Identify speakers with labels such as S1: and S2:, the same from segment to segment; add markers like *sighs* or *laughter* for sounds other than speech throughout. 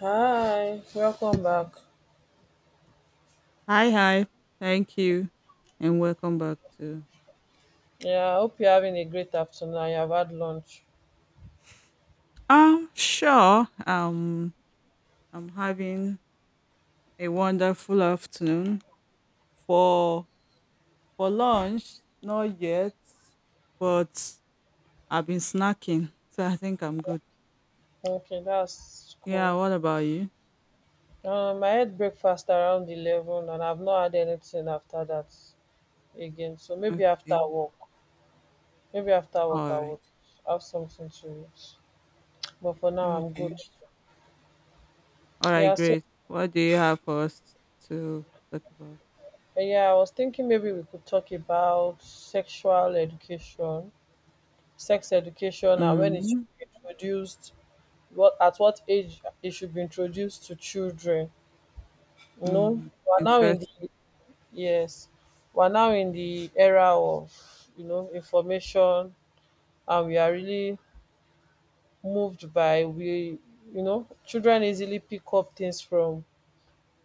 S1: Hi, welcome back.
S2: Hi, hi. Thank you, and welcome back to.
S1: Yeah, I hope you're having a great afternoon and you have had lunch.
S2: Um, sure. Um, I'm having a wonderful afternoon for lunch. Not yet, but I've been snacking, so I think I'm good.
S1: Okay, that's
S2: Yeah.
S1: cool.
S2: What about you?
S1: I had breakfast around 11 and I've not had anything after that again. So maybe after
S2: Okay.
S1: work, I
S2: All right.
S1: would have something to eat. But for now, I'm good.
S2: Okay. All right.
S1: Yeah, so
S2: Great. What do you have for us to talk about?
S1: yeah, I was thinking maybe we could talk about sexual education, sex education, and when it should
S2: Mm.
S1: be introduced, what at what age it should be introduced to children. you know
S2: Mm.
S1: we're now in the,
S2: Interesting.
S1: yes, we're now in the era of information, and we are really moved by, we, children easily pick up things from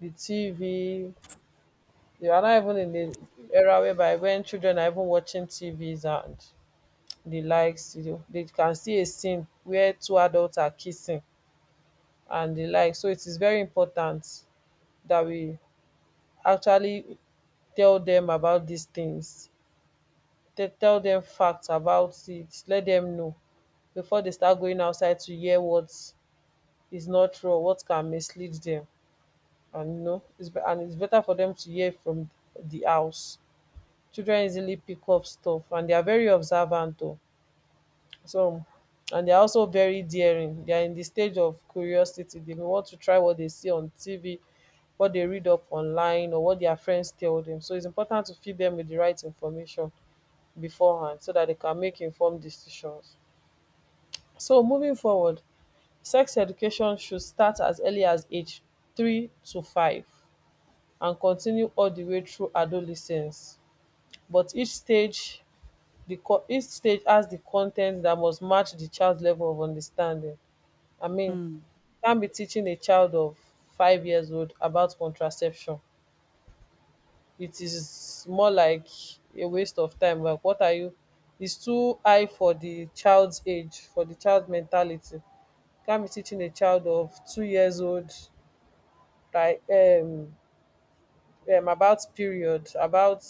S1: the TV. They are not even in the era whereby when children are even watching TVs and the likes, they can see a scene where two adults are kissing and the like. So it is very important that we actually tell them about these things, they tell them facts about it, let them know before they start going outside to hear what is not true or what can mislead them. And, it's better for them to hear from the house. Children easily pick up stuff, and they are very observant too. So, and they are also very daring. They are in the stage of curiosity. They may want to try what they see on TV, what they read up online, or what their friends tell them. So it's important to feed them with the right information beforehand so that they can make informed decisions. So moving forward, sex education should start as early as age 3 to 5 and continue all the way through adolescence, but each stage, the con each stage has the con that must match the child's level of understanding. I mean,
S2: Mm.
S1: can't be teaching a child of 5 years old about contraception. It is more like a waste of time. Like, what are you? It's too high for the child's age, for the child's mentality. Can't be teaching a child of 2 years old like, about period, about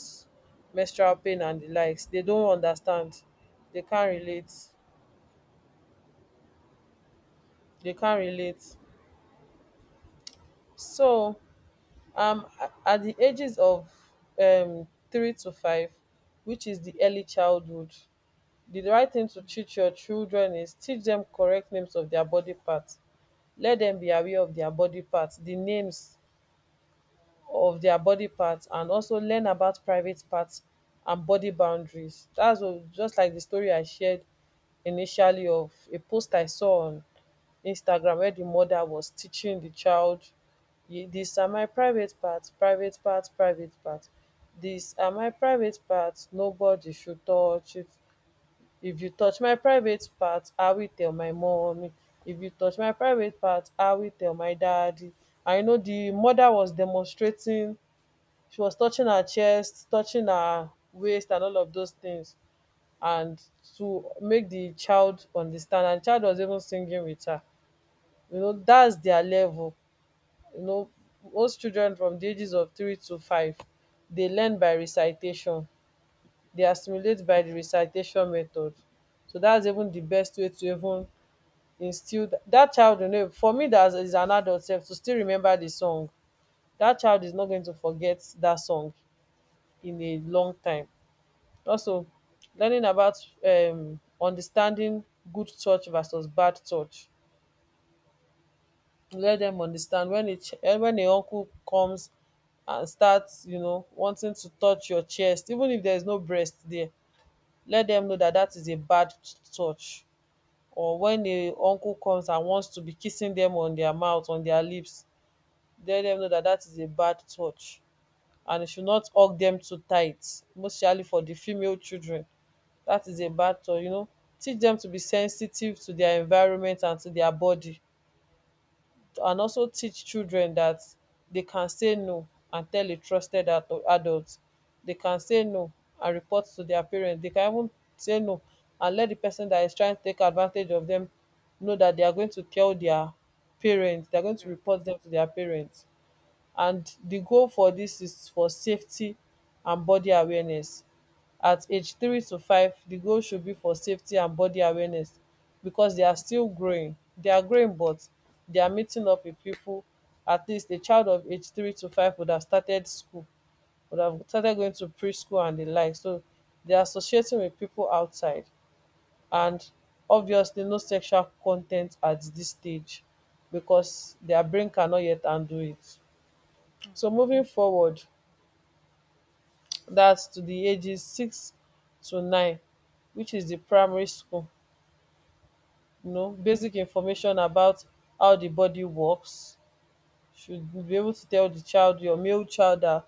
S1: menstrual pain and the likes. They don't understand. They can't relate.
S2: Mm.
S1: They can't relate. So at the ages of 3 to 5, which is the early childhood, the right thing to teach your children is teach them correct names of their body parts. Let them be aware of their body parts, the names of their body parts, and also learn about private parts and body boundaries. Dats just like the story I shared initially of a post I saw on Instagram, where the mother was teaching the child, "Ye- " "These are my private parts, private parts, private parts. These are my private parts, nobody should touch it. If you touch my private parts, I will tell my mummy. If you touch my private parts, I will tell my daddy." I know the mother was demonstrating, she was touching her chest, touching her waist and all of those things, and to make the child understand, and child was even singing with her. You know, that's their level. You know, most children from the ages of 3 to 5, they learn by recitation, they assimilate by the recitation method. So that's even the best way to even instill that child. You know, for me that is an adult sef to still remember the song, that child is not going to forget that song in a
S2: Mm.
S1: long time. Also,
S2: True.
S1: learning about understanding good touch versus bad touch. Let them understand when a ch wen a uncle comes and starts, wanting to touch your chest even if there is no breast there, let them know that that is a bad touch. Or when a uncle comes and wants to be kissing them on their mouth, on their lips, let them know that that is a bad touch, and you should not hug them too tight, mostly for the female children. That is a bad thought, you know. Teach them to be sensitive to their environment and to their body. And also teach children that they can say no and tell a trusted adult. They can say no and report to their parents. They can even say no and let the person that is trying to take advantage of them know that they are going to tell their parents, they are going to
S2: Okay.
S1: report them to their parents. And the goal for this is for safety and body awareness. At age 3 to 5, the goal should be for safety and body awareness, because they are still growing. They are growing but they are meeting up with people. At least a child of age 3 to 5 would have started school, would have started going to preschool and the like, so they are associating with people outside, and obviously no sexual content at this stage, because their brain cannot yet undo it. So moving forward, dat, to the ages 6 to 9, which is the primary school, you know, basic information about how the body works. Should be able to tell the child, your male child, that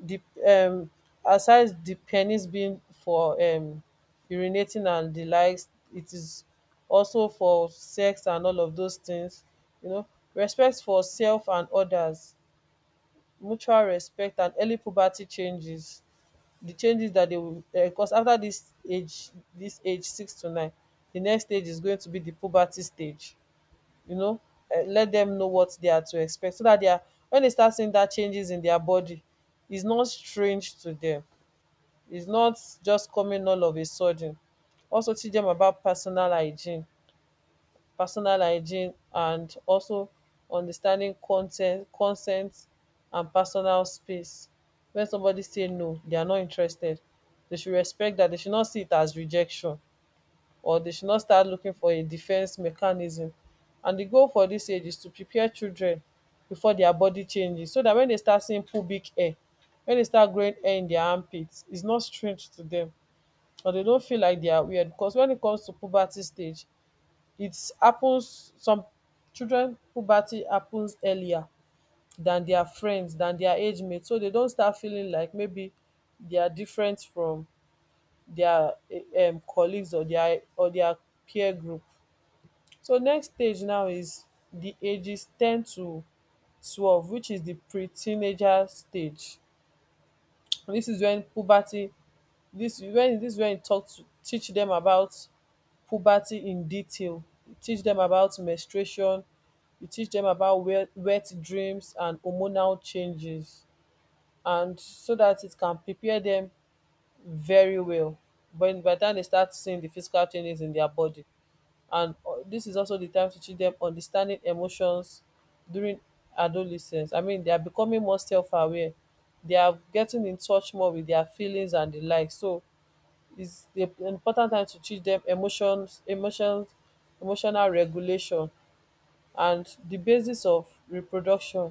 S1: the um aside the penis being for urinating and the likes, it is also for sex and all of those things, you know, respect for self and others, mutual respect and early puberty changes. The changes that they will cause after this age. This age 6 to 9, the next stage is going to be the puberty stage, you know, let them know what they are to expect so that they are, when they start seeing that changes in their body, is not strange to them. It's not just coming all of a sudden. Also teach them about personal hygiene, personal hygiene, and also understanding consent, consent, and personal space. When somebody say no, they are not interested, they should respect that, they should not see it as rejection, or they should not start looking for a defense mechanism. And the goal for this age is to prepare children before their body changes, so that when they start seeing pubic hair, when they start growing hair in their armpits, it's not strange to them, or they don't feel like they are weird, because when it comes to puberty stage, it happens, some children puberty happens earlier than their friends, than their age mates, so dey don start feeling like maybe they are different from dia, colleagues, or their, or their peer group. So next stage now is the ages 10 to 12, which is the pre-teenager stage. This is when puberty, dis when, this is wen e talk to, teach them about puberty in detail. You teach them about menstruation, you teach them about wet dreams and hormonal changes, and so that it can prepare them very well but by di time dem start seeing the physical changes in their body. And this is also the time to teach them understanding emotions during adolescence. I mean, they are becoming more self-aware, they are getting in touch more with their feelings and the like, so is the important time to teach dem emotions, emotional regulation, and the basis of reproduction.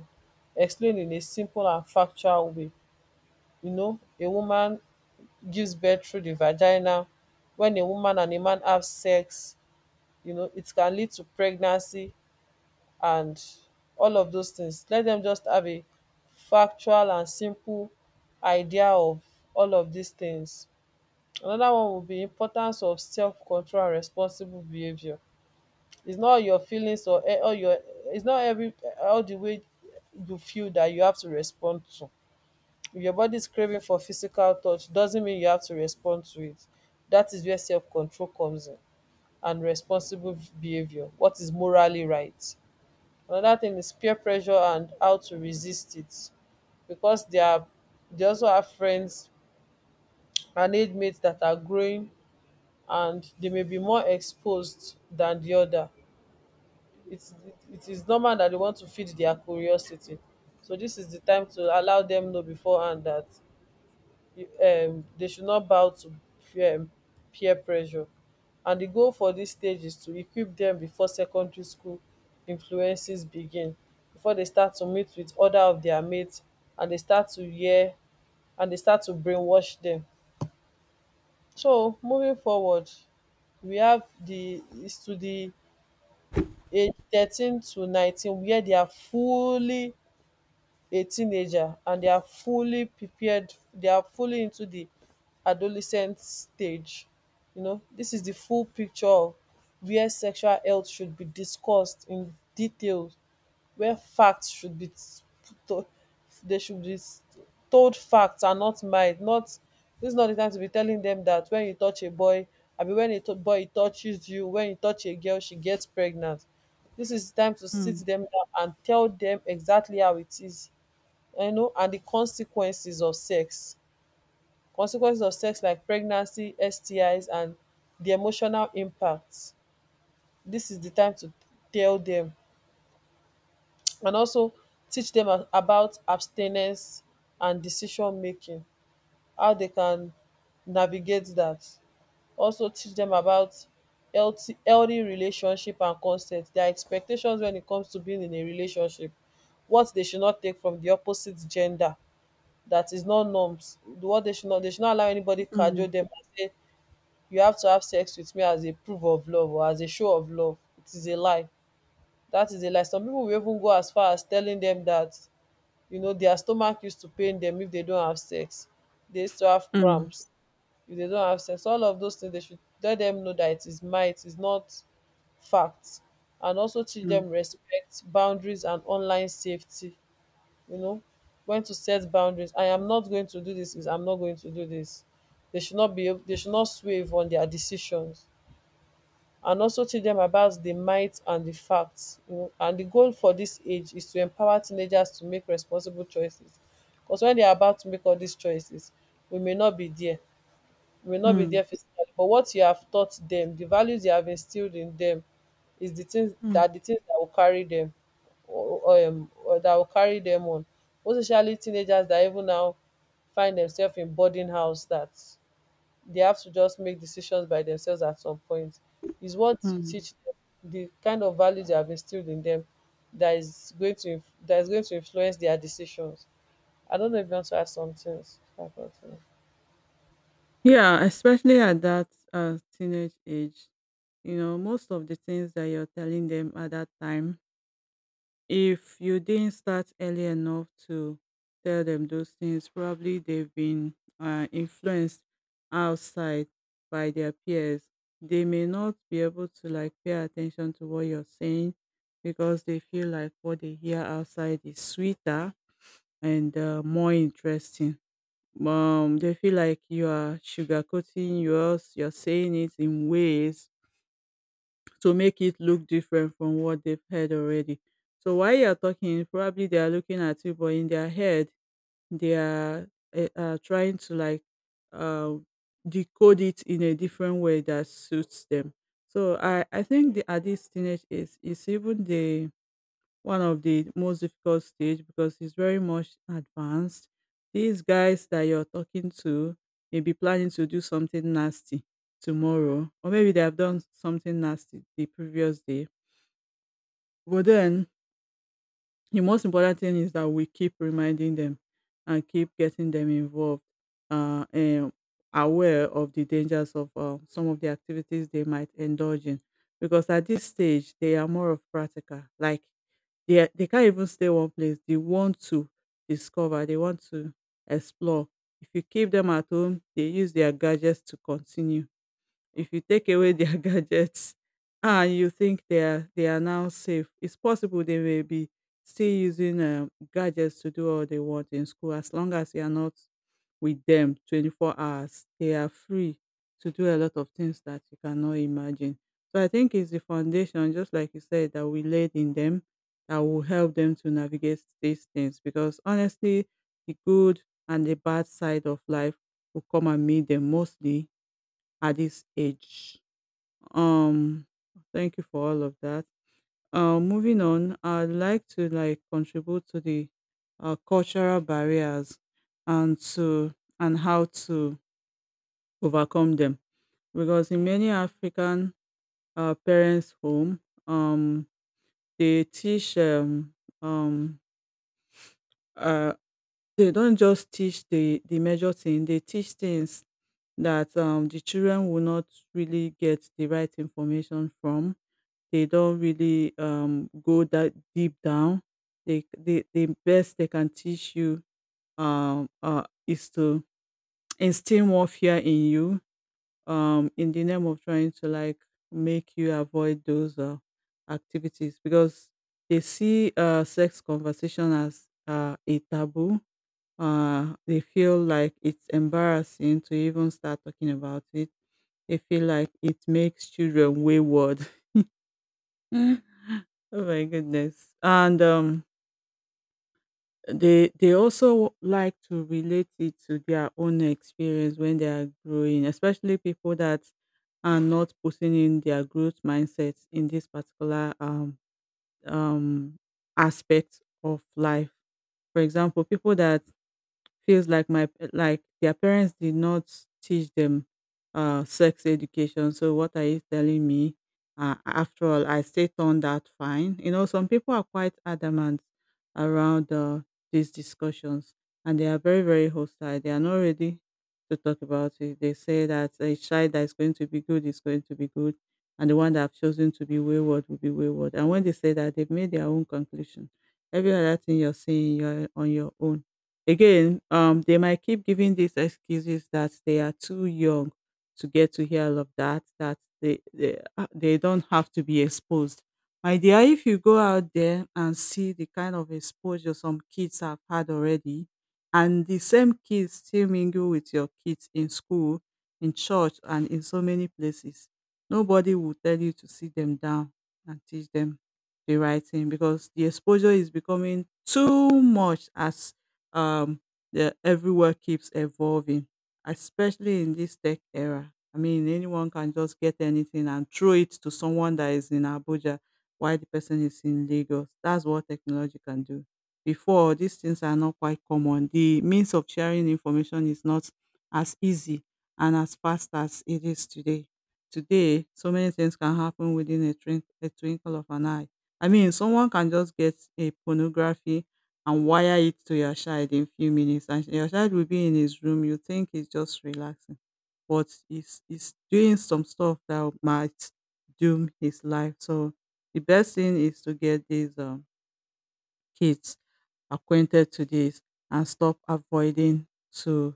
S1: Explain in a simple and factual way. You know, a woman gives birth through the vagina. When a woman and a man have sex, you know, it can lead to pregnancy and all of those things. Let them just have a factual and simple idea of all of these things. Another one would be importance of self-control and responsible behaviour. It's not your feelings or e- all your it's not every, all the way you feel that you have to respond to. If your body is craving for physical touch, doesn't mean you have to respond to it. That is where self-control comes in and responsible behaviour. What is morally right? Another thing is peer pressure and how to resist it, because they are, they also have friends and age mates that are growing, and they may be more exposed dan di oda. It is normal that they want to feed their curiosity, so this is the time to allow them know beforehand that they should not bow to um peer pressure. And the goal for this stage is to equip them before secondary school influences begin, before they start to meet with other of their mates and they start to hear, and they start to brainwash them. So moving forward, we have the is to the age 13 to 19, where they are fully a teenager and they are fully prepared, they are fully into the adolescent stage. You know, this is the full picture of where sexual health should be discussed in details, where facts should be, to- they should be, told facts and not might not. This is not the time to be telling them that when you touch a boy, I mean, when a to boy touches you, when you touch a girl, she gets pregnant. This is the time to sit
S2: Mm.
S1: them down and tell them exactly how it is, you know, and the consequences of sex, consequences of sex like pregnancy, STIs, and the emotional impact. This is the time to tell them, and also teach dem about abstinence and decision making, how they can navigate that. Also teach them about healthy relationship and consent, their expectations when it comes to being in a relationship, what they should not take from the opposite gender. That is not norms, what they should not, they should not allow anybody cajole them and say, you have to have sex with me as a proof of love or as a show of love, it is a lie. That is a lie. Some people will even go as far as telling them that, you know, their stomach used to pain them if they don't have sex. They used to have
S2: Mm,
S1: cramps if they don't have sex, all of those things. They should let them know that it is myth, is not fact. And also teach them
S2: mm,
S1: respect boundaries and online safety. You know, when to set boundaries. I am not going to do this. Is, I'm not going to do this. They should not be, they should not swerve on their decisions. And also teach dem about di might and di facts. You know, and di goal for dis age is to empower teenagers to make responsible choices. Because when they are about to make all these choices, we may not be there. We may not be
S2: mm,
S1: there physically, but what you have taught them, the values you have instilled in them, is the things
S2: mm,
S1: that, will carry dem, or that will carry them on. Most especially teenagers that even now find themselves in boarding house, that they have to just make decisions by themselves at some point. Is what you
S2: mm.
S1: teach them, the kind of values you have instilled in them, that is going to, influence their decisions. I don't know if you want to add some things about it.
S2: Yeah, especially at that teenage age, you know, most of the things that you're telling them at that time, if you didn't start early enough to tell them those things, probably they've been influenced outside by their peers. They may not be able to like pay attention to what you're saying because they feel like what they hear outside is sweeter and more interesting. They feel like you are sugarcoating yours, you're saying it in ways to make it look different from what they've heard already. So while you're talking, probably they are looking at you, but in their head, they are trying to like uh, decode it in a different way that suits them. So I think the, at this teenage age, it's even the one of the most difficult stage because it's very much advanced. These guys that you're talking to may be planning to do something nasty tomorrow, or maybe they have done something nasty the previous day. But then the most important thing is that we keep reminding them and keep getting them involved and aware of the dangers of some of the activities they might indulge in. Because at this stage, they are more of practical. Like they can't even stay one place. They want to discover, they want to explore. If you keep them at home, they use their gadgets to continue. If you take away their *laughs* gadgets and you think they are now safe, it's possible they may be still using gadgets to do all they want in school. As long as you are not with them 24 hours, they are free to do a lot of things that you cannot imagine. So I think it's the foundation, just like you said, that we laid in them that will help them to navigate these things. Because honestly, the good and the bad side of life will come and meet them mostly at this age. Um, Thank you for all of that. Moving on, I'd like to like contribute to the cultural barriers and to and how to overcome them because in many African parents' home, um, they teach um, uh, they don't just teach the major thing; they teach things that the children will not really get the right information from. They don't really go that deep down. The best they can teach you is to instill more fear in you, in the name of trying to like make you avoid those activities because they see sex conversation as a taboo. They feel like it's embarrassing to even start talking about it. They feel like it makes children wayward. *laughs* Oh my goodness. And they also like to relate it to their own experience when they are growing, especially people that are not putting in their growth mindset in this particular um aspect of life. For example, people that feels like my like their parents did not teach them sex education. So what are you telling me? After all, I still turned out fine. You know, some people are quite adamant around these discussions, and they are very very hostile. They are not ready to talk about it. They say that a child that is going to be good is going to be good, and the one that have chosen to be wayward will be wayward. And when they say that, they've made their own conclusion. Every other thing you're saying, you're on your own. Again, they might keep giving these excuses that they are too young to get to hear all of that, that they don't have to be exposed. My dear, if you go out there and see the kind of exposure some kids have had already, and the same kids still mingle with your kids in school, in church, and in so many places, nobody will tell you to sit them down and teach them the right thing because the exposure is becoming too much as um, the everywhere keeps evolving, especially in this tech era. I mean, anyone can just get anything and throw it to someone that is in Abuja while the person is in Lagos. That's what technology can do. Before, these things are not quite common. The means of sharing information is not as easy and as fast as it is today. Today, so many things can happen within twink- a twinkle of an eye. I mean, someone can just get a pornography and wire it to your child in few minutes and your child will be in his room you think he's just relaxing but he's doing some stuff that might doom his life, so the best thing is to get these kids acquainted to this and stop avoiding to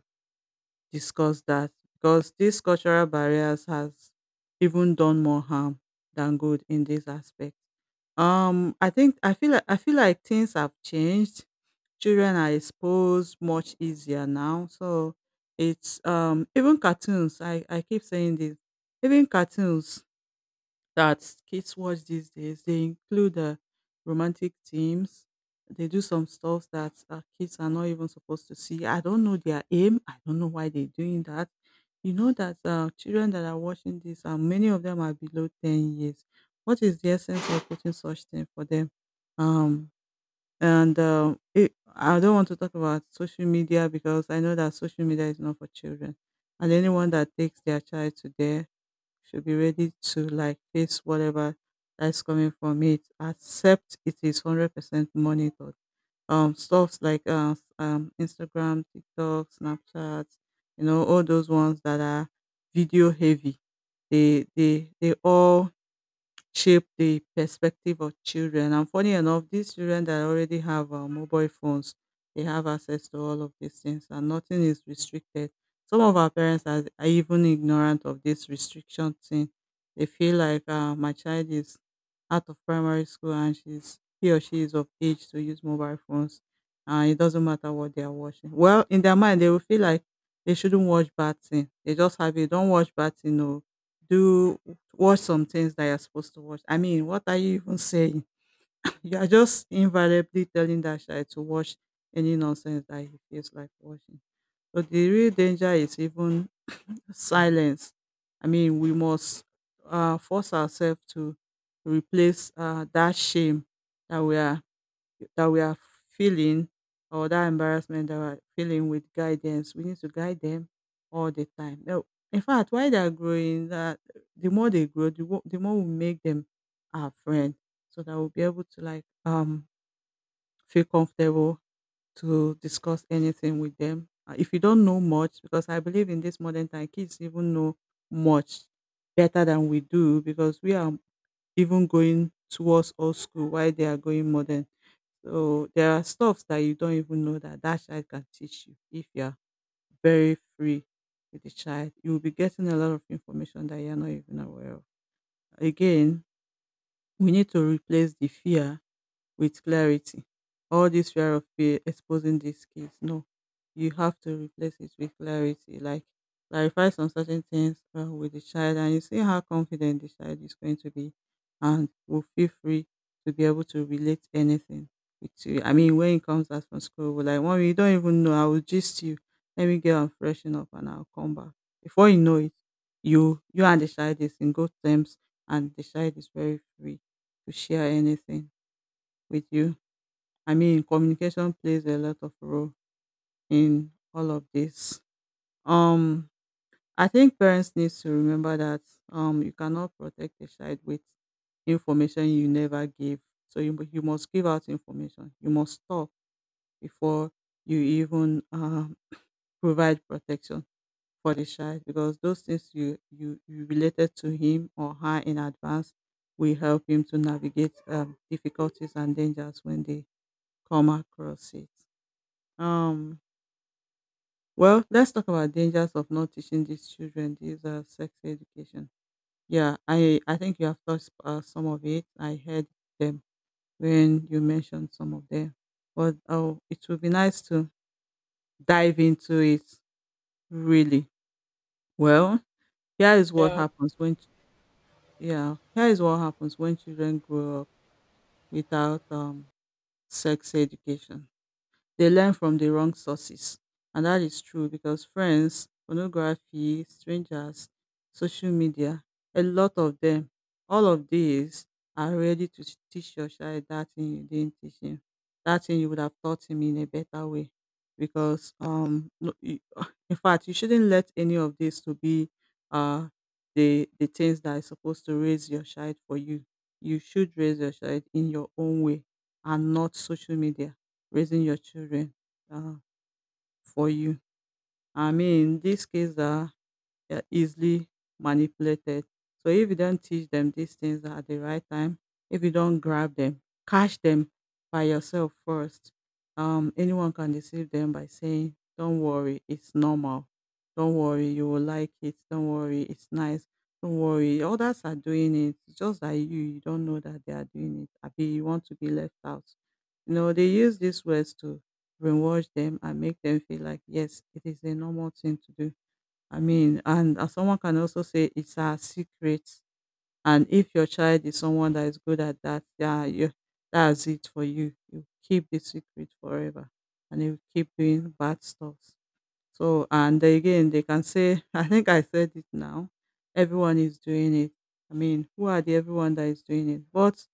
S2: discuss that because these cultural barriers has even done more harm than good in this aspect. I feel like things have changed. Children are exposed much easier now, so it's even cartoons. I keep saying this. Even cartoons that kids watch these days. They include romantic themes. They do some stuff that kids are not even supposed to see. I don't know their aim. I don't know why they're doing that. You know that children that are watching this, many of them are below 10 years. What is the essence of putting such thing for them? Um, I don't want to talk about social media because I know that social media is not for children. And anyone that takes their child to there should be ready to like face whatever that's coming from it, accept it is 100% monitored. Stuffs like Instagram, TikTok, Snapchat, you know, all those ones that are video heavy, they all shape the perspective of children. And funny enough, these children that already have mobile phones, they have access to all of these things, and nothing is restricted. Some of our parents are even ignorant of this restriction thing. They feel like my child is out of primary school and she's he or she is of age to use mobile phones, and it doesn't matter what they are watching. Well, in their mind, they will feel like they shouldn't watch bad thing. They just have it. Don't watch bad thing. No, do watch some things that you're supposed to watch. I mean, what are you even saying? *laughs* You are just invariably telling that child to watch any nonsense that he feels like watching. But the real danger is even silence. I mean, we must force ourselves to replace that shame that we are that we are feeling or that embarrassment that we're feeling with guidance. We need to guide them all the time. No, in fact, while they're growing, that the more they grow, the more we make them our friend, so that we'll be able to like feel comfortable to discuss anything with them. If you don't know much, because I believe in this modern time, kids even know much better than we do because we are even going towards old school while they are going modern, so there are stuffs that you don't even know that that child can teach you if you are very free with the child. You will be getting a lot of information that you are not even aware of. Again, we need to replace the fear with clarity. All this fear of fear exposing these kids. No, you have to replace it with clarity. Like clarify some certain things with the child, and you see how confident the child is going to be, and will feel free to be able to relate anything with you. I mean, when it comes out from school, we're like, "Mommy, you don't even know. I will gist you. Let me get and freshen up, and I'll come back." Before you know it, you and the child is in good terms, and the child is very free to share anything with you. I mean, communication plays a lot of role in all of this. Um, I think parents need to remember that you cannot protect a child with information you never give. So you must give out information. You must talk before you even provide protection for the child because those things you related to him or her in advance will help him to navigate difficulties and dangers when they come across it. Um, Well, let's talk about dangers of not teaching these children these sex education. Yeah, I think you have touched some of it. I heard them when you mentioned some of them, but oh, it would be nice to dive into it really. Well, here is what happens when ch- yeah, here is what happens when children grow up without sex education. They learn from the wrong sources, and that is true because friends, pornography, strangers, social media, a lot of them, all of these are ready to teach your child that thing you didn't teach him, that thing you would have taught him in a better way. Because no, *sighs* *laughs* in fact, you shouldn't let any of this to be uh the things that is supposed to raise your child for you. You should raise your child in your own way and not social media raising your children uh, for you. I mean, in this case, they're easily manipulated. So if you don't teach them these things at the right time, if you don't grab them, catch them by yourself first. Anyone can deceive them by saying, "Don't worry, it's normal. Don't worry, you will like it. Don't worry, it's nice. Don't worry, others are doing it. It's just that you don't know that they are doing it. Abi, you want to be left out." You know, they use these words to brainwash them and make them feel like yes, it is a normal thing to do. I mean, and someone can also say it's our secret. And if your child is someone that is good at that, yeah, you, that's it for you. You keep the secret forever, and you keep doing bad stuff. So and then again they can say *laughs* I think I said it now. Everyone is doing it. I mean, who are the everyone that is doing it? But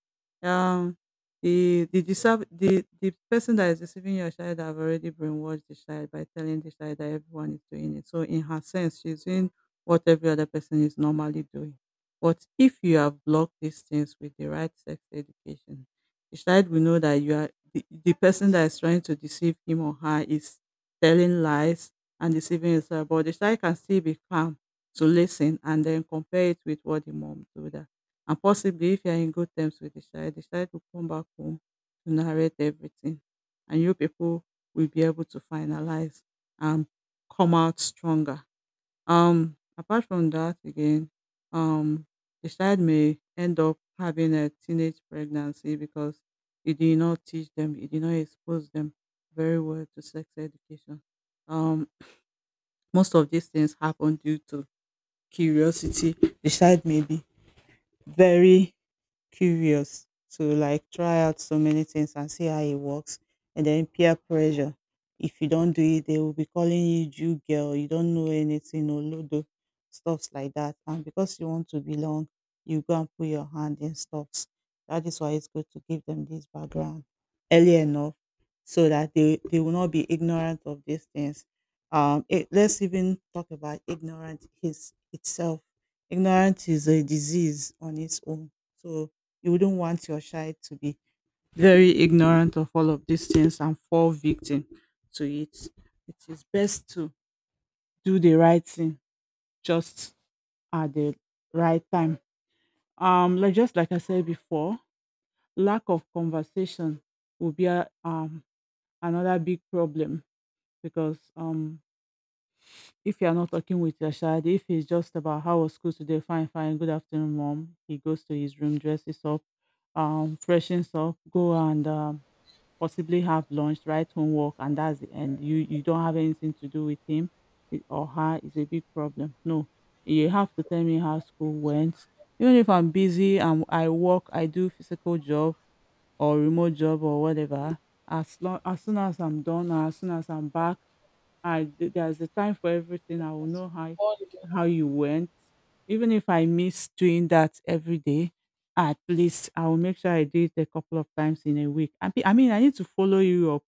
S2: um the deserve, the person that is receiving your child have already brainwashed the child by telling the child that everyone is doing it. So in her sense, she's doing what every other person is normally doing. But if you have blocked these things with the right sex education, the child will know that the person that is trying to deceive him or her is telling lies and deceiving yourself. But the child can still be calm to listen and then compare it with what the mom told her. And possibly, if you are in good terms with the child will come back home to narrate everything, and you people will be able to finalize and come out stronger. Apart from that, again, um, the child may end up having a teenage pregnancy because you did not teach them, you did not expose them very well to sex education. Um, Most of these things happen due to curiosity. The child may be very curious to like try out so many things and see how it works. And then peer pressure. If you don't do it, they will be calling you Jew girl, you don't know anything or lodo, stuffs like that. And because you want to belong, you go and put your hand in stuffs. That is why it's good to give them this background early enough so that they will not be ignorant of these things. Let's even talk about ignorance is itself. Ignorance is a disease on its own. So you wouldn't want your child to be very ignorant of all of these things and fall victim to it. It is best to do the right thing just at the right time. Like just like I said before, lack of conversation will be a, another big problem because if you are not talking with your child, if it's just about how was school today, fine, fine, good afternoon, mom. He goes to his room, dresses up, freshens up, go and possibly have lunch, write homework, and that's the end. You don't have anything to do with him or her is a big problem. No, you have to tell me how school went. Even if I'm busy and I work, I do physical job or remote job or whatever, as long as soon as I'm done or as soon as I'm back, there's a time for everything. I will know
S1: All the-
S2: how you went. Even if I miss doing that every day, at least I will make sure I do it a couple of times in a week. I mean, I need to follow you up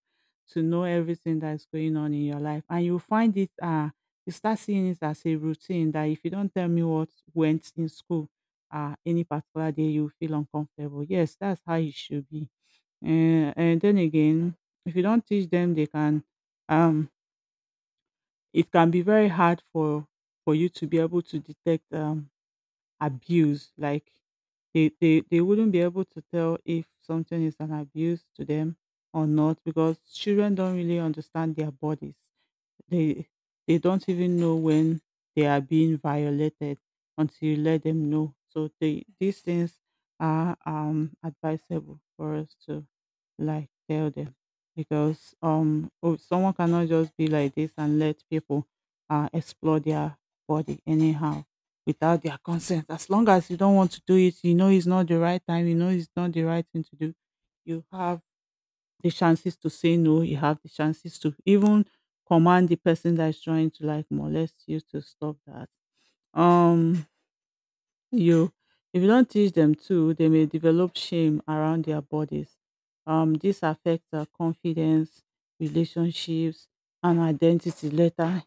S2: to know everything that's going on in your life, and you find it. You start seeing it as a routine that if you don't tell me what went in school, any particular day, you feel uncomfortable. Yes, that's how it should be. And then again, if you don't teach them, they can um it can be very hard for you to be able to detect abuse. Like they wouldn't be able to tell if something is an abuse to them or not because children don't really understand their bodies. They they don't even know when they are being violated until you let them know. So they these things are advisable for us to like tell them because oh, someone cannot just be like this and let people explore their body anyhow without their consent. As long as you don't want to do it, you know it's not the right time, you know it's not the right thing to do. You have the chances to say no, you have the chances to even command the person that is trying to like molest you to stop that. Um, you If you don't teach them to, they may develop shame around their bodies. This affects their confidence, relationships, and identity later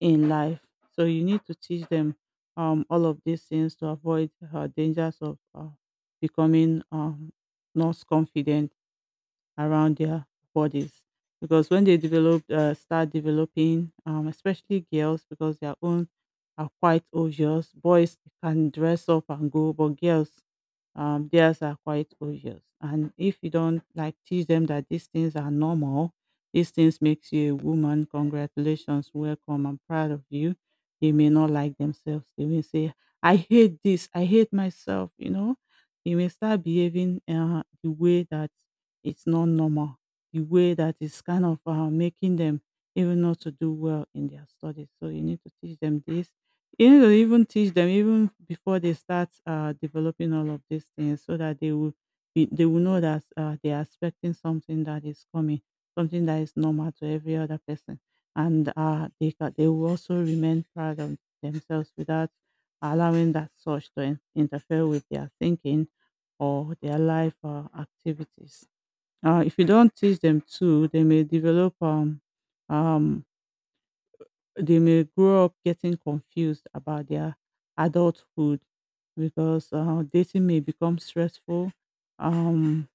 S2: in life. So you need to teach them all of these things to avoid dangers of becoming not confident around their bodies because when they develop start developing especially girls because their own are quite obvious, boys can dress up and go but girls theirs are quite obvious and if you don't like teach them that these things are normal, these things makes you a woman, congratulations, welcome, I'm proud of you, they may not like themselves, they may say I hate this, I hate myself, you know, they may start behaving the way that it's not normal. The way that is kind of making them even not to do well in their studies. So you need to teach them this. You need to even teach them even before they start developing all of these things, so that they will they will know that they are expecting something that is coming, something that is normal to every other person, and they will also remain proud of themselves without allowing that such to interfere with their thinking or their life activities. If you don't teach them too, they may develop um they may grow up getting confused about their adulthood because dating may become stressful. Um,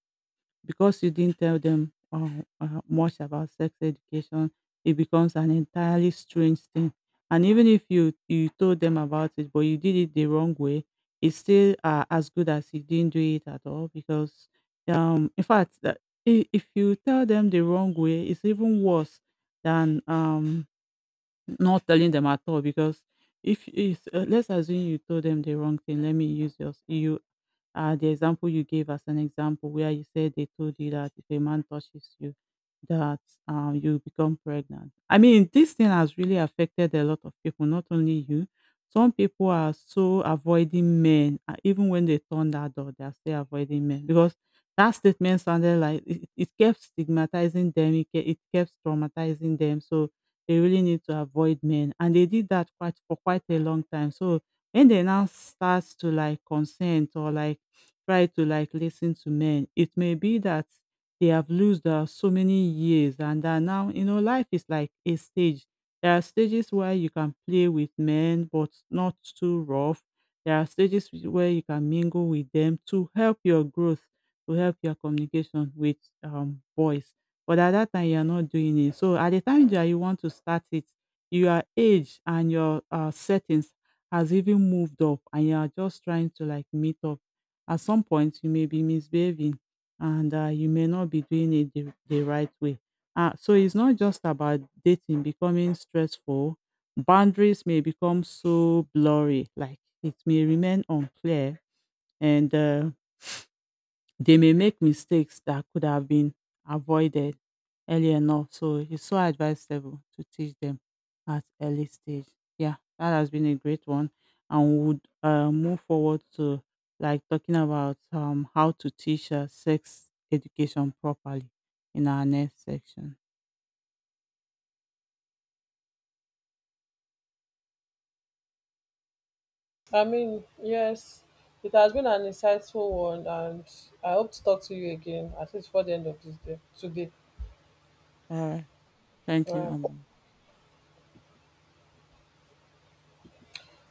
S2: because you didn't tell them much about sex education, it becomes an entirely strange thing. And even if you told them about it, but you did it the wrong way, it's still as good as you didn't do it at all. Because in fact, if you tell them the wrong way, it's even worse than not telling them at all because if is let's assume you told them the wrong thing. Let me use yours. You The example you gave as an example where you said they told you that if a man touches you, that you become pregnant. I mean, this thing has really affected a lot of people, not only you. Some people are so avoiding men, even when they turn that door, they are still avoiding men because that statement sounded like it kept stigmatizing them, it kept traumatizing them. So they really need to avoid men. And they did that quite for quite a long time. So when they now start to like consent or like try to like listen to men, it may be that they have lost so many years and that now, you know, life is like a stage. There are stages where you can play with men, but not too rough. There are stages where you can mingle with them to help your growth, to help your communication with boys, but at that time, you are not doing it. So at the time that you want to start it, your age and your settings has even moved up, and you are just trying to like meet up. At some point, you may be misbehaving, and you may not be doing it the right way. So it's not just about dating becoming stressful. Boundaries may become so blurry, like it may remain unclear, and they may make mistakes that could have been avoided early enough. So it's so advisable to teach them at early stage. Yeah, that has been a great one, and we would move forward to like talking about how to teach sex education properly in our next section.
S1: I mean, yes, it has been an insightful one, and I hope to talk to you again, at least for the end of this day today.
S2: All right, thank you,
S1: All right.
S2: Amber.